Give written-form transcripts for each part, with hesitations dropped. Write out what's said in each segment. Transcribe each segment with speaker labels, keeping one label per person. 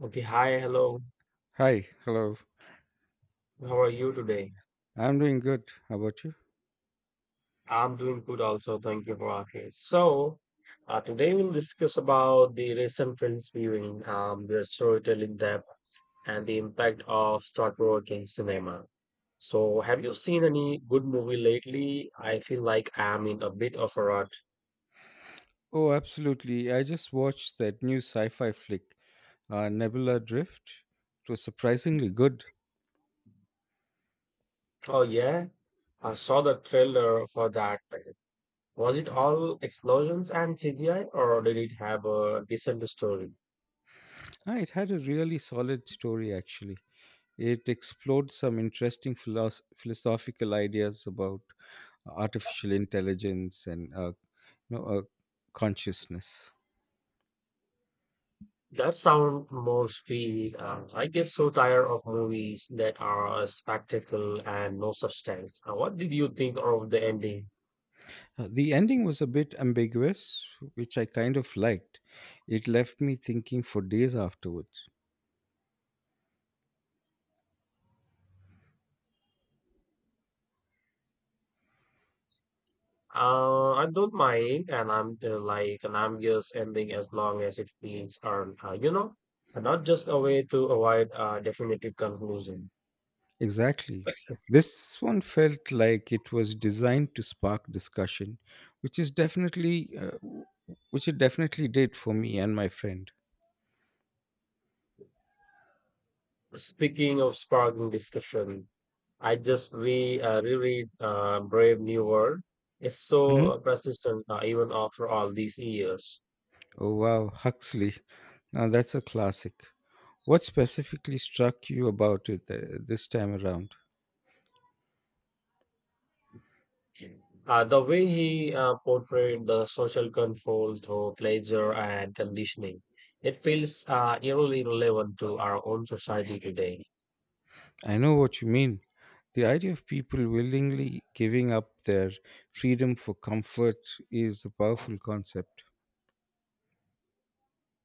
Speaker 1: Okay, hi, hello.
Speaker 2: Hi, hello.
Speaker 1: How are you today?
Speaker 2: I'm doing good. How about you?
Speaker 1: I'm doing good also. Thank you for asking. Today we'll discuss about the recent films viewing, their storytelling depth, and the impact of thought-provoking cinema. So, have you seen any good movie lately? I feel like I'm in a bit of a rut.
Speaker 2: Oh, absolutely. I just watched that new sci fi flick, Nebula Drift. It was surprisingly good.
Speaker 1: Oh, yeah, I saw the trailer for that. Was it all explosions and CGI, or did it have a decent story?
Speaker 2: Ah, it had a really solid story, actually. It explored some interesting philosophical ideas about artificial intelligence and, you know, uh, consciousness.
Speaker 1: That sound most be I get so tired of movies that are a spectacle and no substance. What did you think of the ending?
Speaker 2: The ending was a bit ambiguous, which I kind of liked. It left me thinking for days afterwards.
Speaker 1: I don't mind, and I'm just ending as long as it feels earned, and not just a way to avoid a definitive conclusion.
Speaker 2: Exactly. This one felt like it was designed to spark discussion, which is definitely w- which it definitely did for me and my friend.
Speaker 1: Speaking of sparking discussion, I just re reread Brave New World. It's so
Speaker 2: Hmm.
Speaker 1: persistent even after all these years.
Speaker 2: Oh wow, Huxley. Now that's a classic. What specifically struck you about it this time around?
Speaker 1: The way he portrayed the social control through pleasure and conditioning, it feels eerily relevant to our own society today.
Speaker 2: I know what you mean. The idea of people willingly giving up their freedom for comfort is a powerful concept.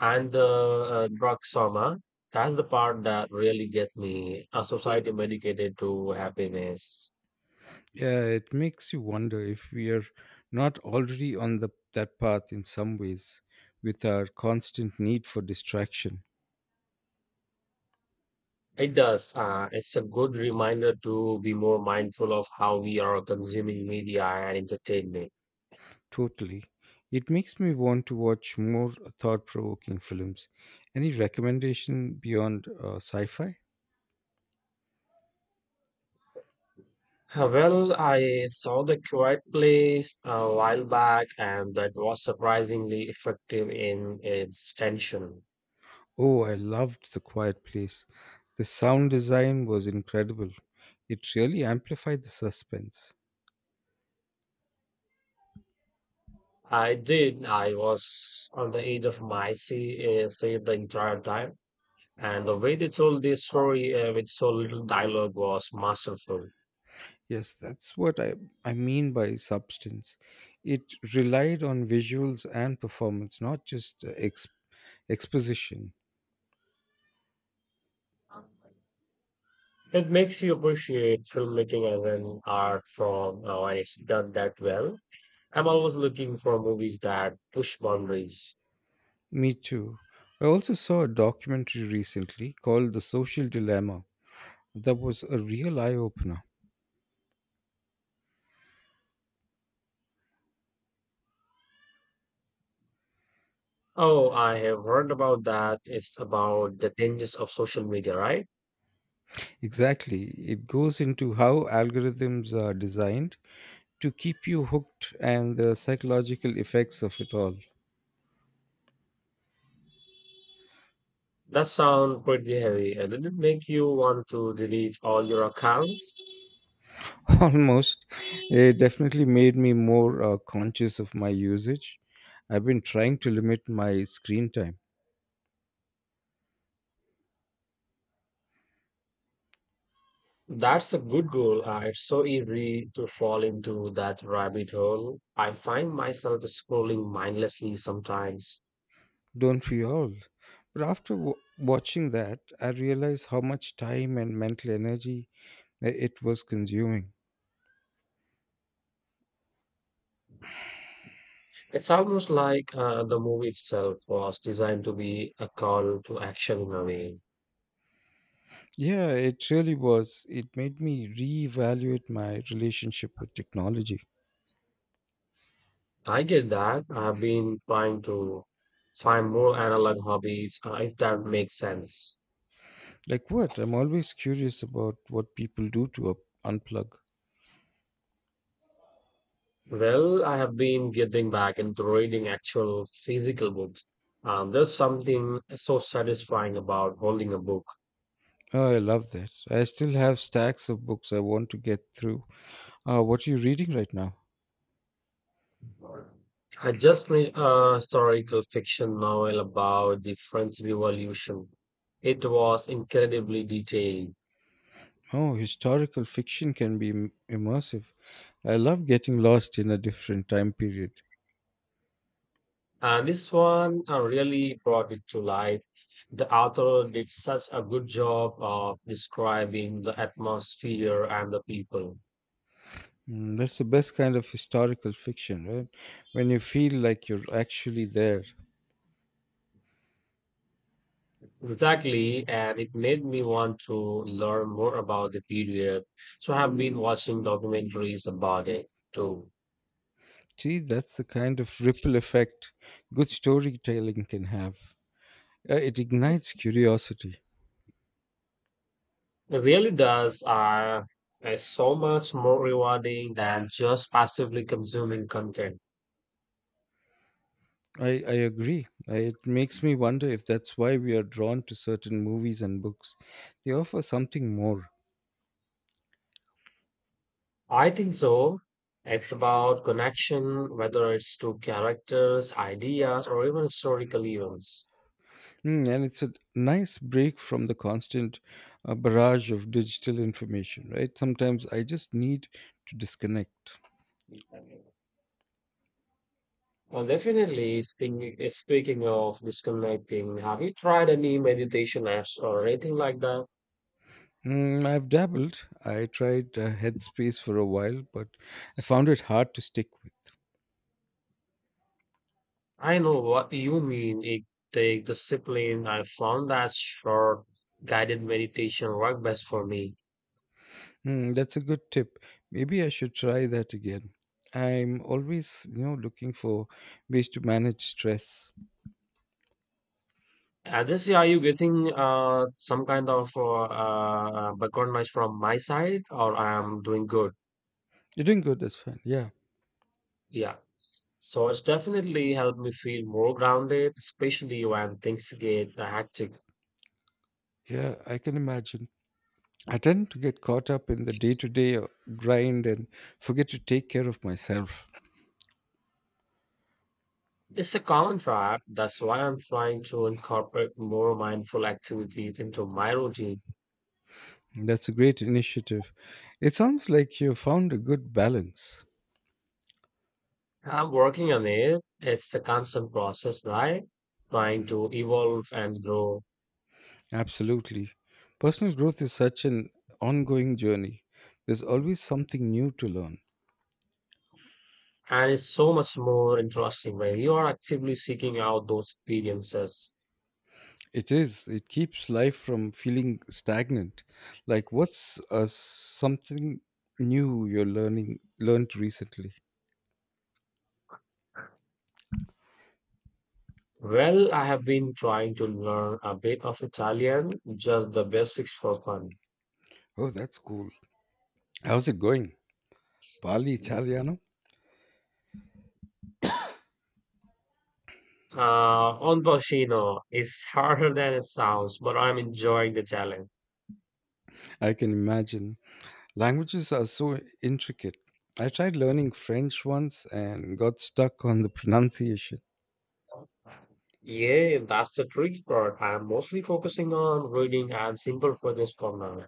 Speaker 1: And the drug soma, that's the part that really gets me. A society medicated to happiness.
Speaker 2: Yeah, it makes you wonder if we are not already on that path in some ways with our constant need for distraction.
Speaker 1: It does. It's a good reminder to be more mindful of how we are consuming media and entertainment.
Speaker 2: Totally. It makes me want to watch more thought provoking films. Any recommendation beyond sci fi?
Speaker 1: Well, I saw The Quiet Place a while back, and that was surprisingly effective in its tension.
Speaker 2: Oh, I loved The Quiet Place. The sound design was incredible, it really amplified the suspense.
Speaker 1: I did. I was on the edge of my seat the entire time, and the way they told the story with so little dialogue was masterful.
Speaker 2: Yes, that's I mean by substance. It relied on visuals and performance, not just exposition.
Speaker 1: It makes you appreciate filmmaking as an art form when it's done that well. I'm always looking for movies that push boundaries.
Speaker 2: Me too. I also saw a documentary recently called The Social Dilemma that was a real eye opener.
Speaker 1: Oh, I have heard about that. It's about the dangers of social media, right?
Speaker 2: Exactly. It goes into how algorithms are designed to keep you hooked and the psychological effects of it all.
Speaker 1: That sounds pretty heavy. And did it make you want to delete all your accounts?
Speaker 2: Almost. It definitely made me more conscious of my usage. I've been trying to limit my screen time.
Speaker 1: That's a good goal. It's so easy to fall into that rabbit hole. I find myself scrolling mindlessly sometimes.
Speaker 2: Don't we all? But after watching that, I realized how much time and mental energy it was consuming.
Speaker 1: It's almost like the movie itself was designed to be a call to action in a way.
Speaker 2: Yeah, it really was. It made me reevaluate my relationship with technology.
Speaker 1: I get that. I've been trying to find more analog hobbies, if that makes sense.
Speaker 2: Like what? I'm always curious about what people do to unplug.
Speaker 1: Well, I have been getting back into reading actual physical books. There's something so satisfying about holding a book.
Speaker 2: Oh, I love that. I still have stacks of books I want to get through. What are you reading right now?
Speaker 1: I just read a historical fiction novel about the French Revolution. It was incredibly detailed.
Speaker 2: Oh, historical fiction can be immersive. I love getting lost in a different time period.
Speaker 1: And this one really brought it to life. The author did such a good job of describing the atmosphere and the people.
Speaker 2: Mm, that's the best kind of historical fiction, right? When you feel like you're actually there.
Speaker 1: Exactly, and it made me want to learn more about the period. So I have been watching documentaries about it too.
Speaker 2: See, that's the kind of ripple effect good storytelling can have. It ignites curiosity.
Speaker 1: It really does, is so much more rewarding than just passively consuming content.
Speaker 2: I agree. I, it makes me wonder if that's why we are drawn to certain movies and books. They offer something more.
Speaker 1: I think so. It's about connection, whether it's to characters, ideas, or even historical events.
Speaker 2: Mm, and it's a nice break from the constant barrage of digital information, right? Sometimes I just need to disconnect.
Speaker 1: Well, definitely, speaking of disconnecting, have you tried any meditation apps or anything like that?
Speaker 2: Mm, I've dabbled. I tried Headspace for a while, but I found it hard to stick with.
Speaker 1: I know what you mean. It take discipline. I found that short guided meditation work best for me.
Speaker 2: Mm, that's a good tip. Maybe I should try that again. I'm always, looking for ways to manage stress.
Speaker 1: And this, are you getting some kind of background noise from my side, or I'm doing good?
Speaker 2: You're doing good. That's fine. Yeah,
Speaker 1: Yeah. So it's definitely helped me feel more grounded, especially when things get hectic.
Speaker 2: yeah, I can imagine. I tend to get caught up in the day to day grind and forget to take care of myself.
Speaker 1: It's a common trap. That's why I'm trying to incorporate more mindful activities into my routine.
Speaker 2: That's a great initiative. It sounds like you found a good balance.
Speaker 1: I'm working on it. It's a constant process, right? Trying to evolve and grow.
Speaker 2: Absolutely. Personal growth is such an ongoing journey. There's always something new to learn.
Speaker 1: And it's so much more interesting when you are actively seeking out those experiences.
Speaker 2: It is. It keeps life from feeling stagnant. Like what's something new you're learning learned recently?
Speaker 1: Well, I have been trying to learn a bit of Italian, just the basics for fun.
Speaker 2: Oh, that's cool. How's it going? Bali Italiano?
Speaker 1: Onboshino is harder than it sounds, but I'm enjoying the challenge.
Speaker 2: I can imagine. Languages are so intricate. I tried learning French once and got stuck on the pronunciation.
Speaker 1: Yeah, that's the tricky part. I'm mostly focusing on reading and simple figures for now.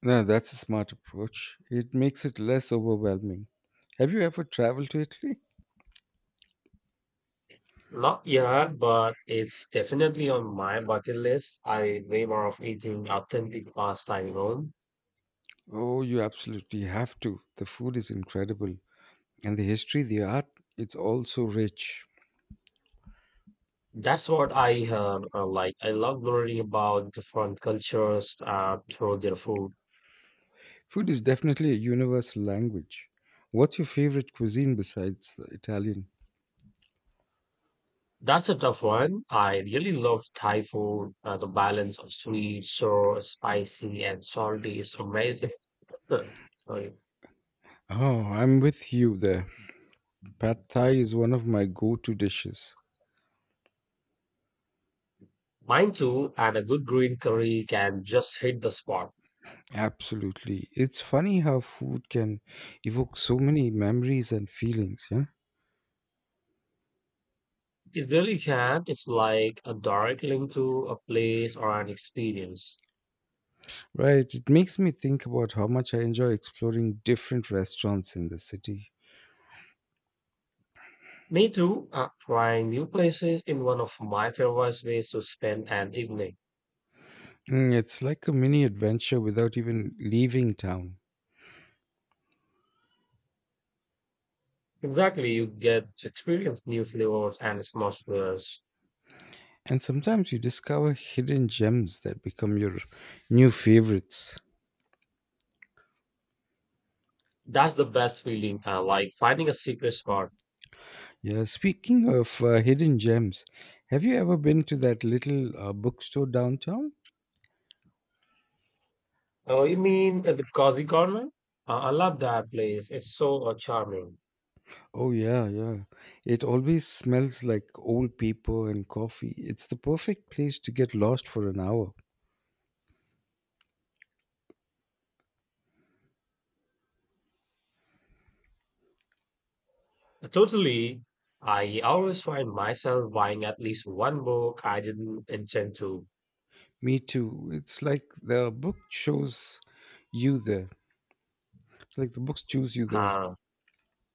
Speaker 2: No, that's a smart approach. It makes it less overwhelming. Have you ever traveled to Italy?
Speaker 1: Not yet, but it's definitely on my bucket list. I way more of eating authentic pasta in Rome.
Speaker 2: Oh, you absolutely have to. The food is incredible. And the history, the art, it's all so rich.
Speaker 1: That's what I like. I love learning about different cultures through their food.
Speaker 2: Food is definitely a universal language. What's your favorite cuisine besides Italian?
Speaker 1: That's a tough one. I really love Thai food. The balance of sweet, sour, spicy, and salty is amazing. Sorry.
Speaker 2: Oh, I'm with you there. Pad Thai is one of my go to dishes.
Speaker 1: Mine too, and a good green curry can just hit the spot.
Speaker 2: Absolutely. It's funny how food can evoke so many memories and feelings, yeah?
Speaker 1: It really can. It's like a direct link to a place or an experience.
Speaker 2: Right. It makes me think about how much I enjoy exploring different restaurants in the city.
Speaker 1: Me too, trying new places in one of my favorite ways to spend an evening.
Speaker 2: Mm, it's like a mini adventure without even leaving town.
Speaker 1: Exactly, you get to experience new flavors and atmospheres.
Speaker 2: And sometimes you discover hidden gems that become your new favorites.
Speaker 1: That's the best feeling, like finding a secret spot.
Speaker 2: Yeah, speaking of hidden gems, have you ever been to that little bookstore downtown?
Speaker 1: Oh, you mean the Cozy Corner? I love that place. It's so charming.
Speaker 2: Oh yeah, yeah. It always smells like old paper and coffee. It's the perfect place to get lost for an hour.
Speaker 1: Totally. I always find myself buying at least one book I didn't intend to.
Speaker 2: Me too. It's like the book chose you there. It's like the books choose you there.
Speaker 1: Uh,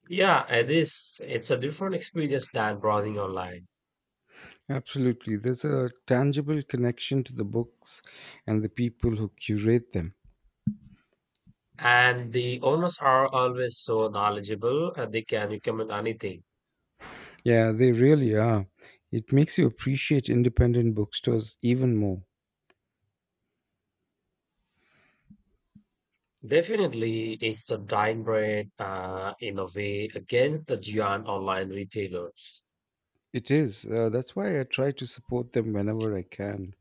Speaker 1: yeah, it is. It's a different experience than browsing online.
Speaker 2: Absolutely. There's a tangible connection to the books and the people who curate them.
Speaker 1: And the owners are always so knowledgeable and they can recommend anything.
Speaker 2: Yeah, they really are. It makes you appreciate independent bookstores even more.
Speaker 1: Definitely, it's a dying breed in a way against the giant online retailers.
Speaker 2: It is. That's why I try to support them whenever I can.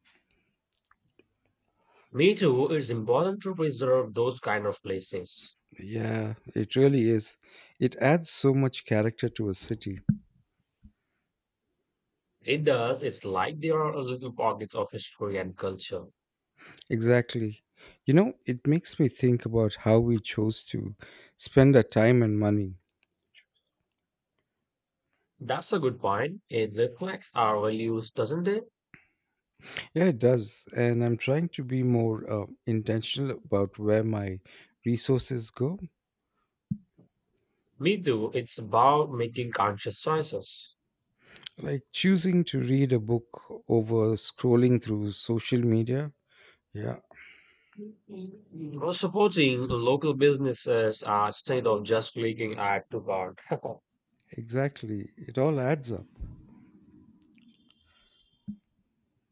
Speaker 1: Me too, it's important to preserve those kind of places.
Speaker 2: Yeah, it really is. It adds so much character to a city.
Speaker 1: It does, it's like they are a little pockets of history and culture.
Speaker 2: Exactly. You know, it makes me think about how we chose to spend our time and money.
Speaker 1: That's a good point. It reflects our values, doesn't it?
Speaker 2: Yeah, it does. And I'm trying to be more intentional about where my resources go,
Speaker 1: Me too, it's about making conscious choices.
Speaker 2: like choosing to read a book over scrolling through social media. Yeah,
Speaker 1: Or supporting local businesses instead of just clicking add to cart.
Speaker 2: exactly. It all adds up.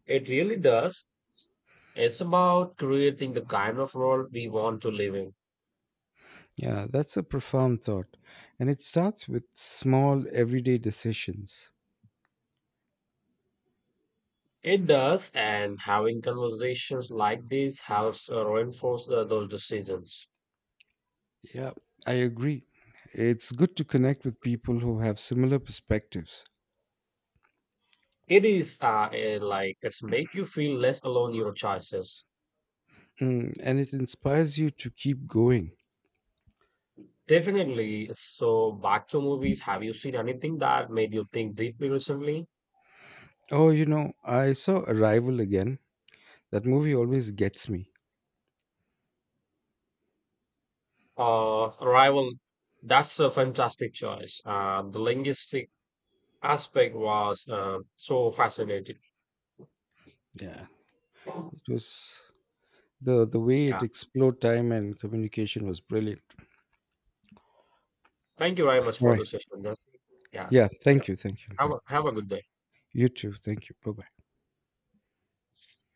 Speaker 1: It really does. It's about creating the kind of world we want to live in.
Speaker 2: Yeah, that's a profound thought. And it starts with small everyday decisions.
Speaker 1: It does, and having conversations like these helps reinforce those decisions.
Speaker 2: Yeah, I agree. It's good to connect with people who have similar perspectives.
Speaker 1: It is, like it's make you feel less alone in your choices.
Speaker 2: Mm, and it inspires you to keep going.
Speaker 1: Definitely. So back to movies. Have you seen anything that made you think deeply recently?
Speaker 2: Oh, you know, I saw Arrival again. That movie always gets me.
Speaker 1: Arrival. That's a fantastic choice. The linguistic aspect was so fascinating.
Speaker 2: Yeah, it was the way
Speaker 1: Yeah.
Speaker 2: it explored time and communication was brilliant.
Speaker 1: Thank you very much
Speaker 2: All
Speaker 1: for
Speaker 2: right.
Speaker 1: the session. That's, yeah.
Speaker 2: Yeah,
Speaker 1: Yeah.
Speaker 2: thank you, thank you.
Speaker 1: Have
Speaker 2: Yeah.
Speaker 1: a, have a good
Speaker 2: You too. Thank you. Bye bye.
Speaker 1: day.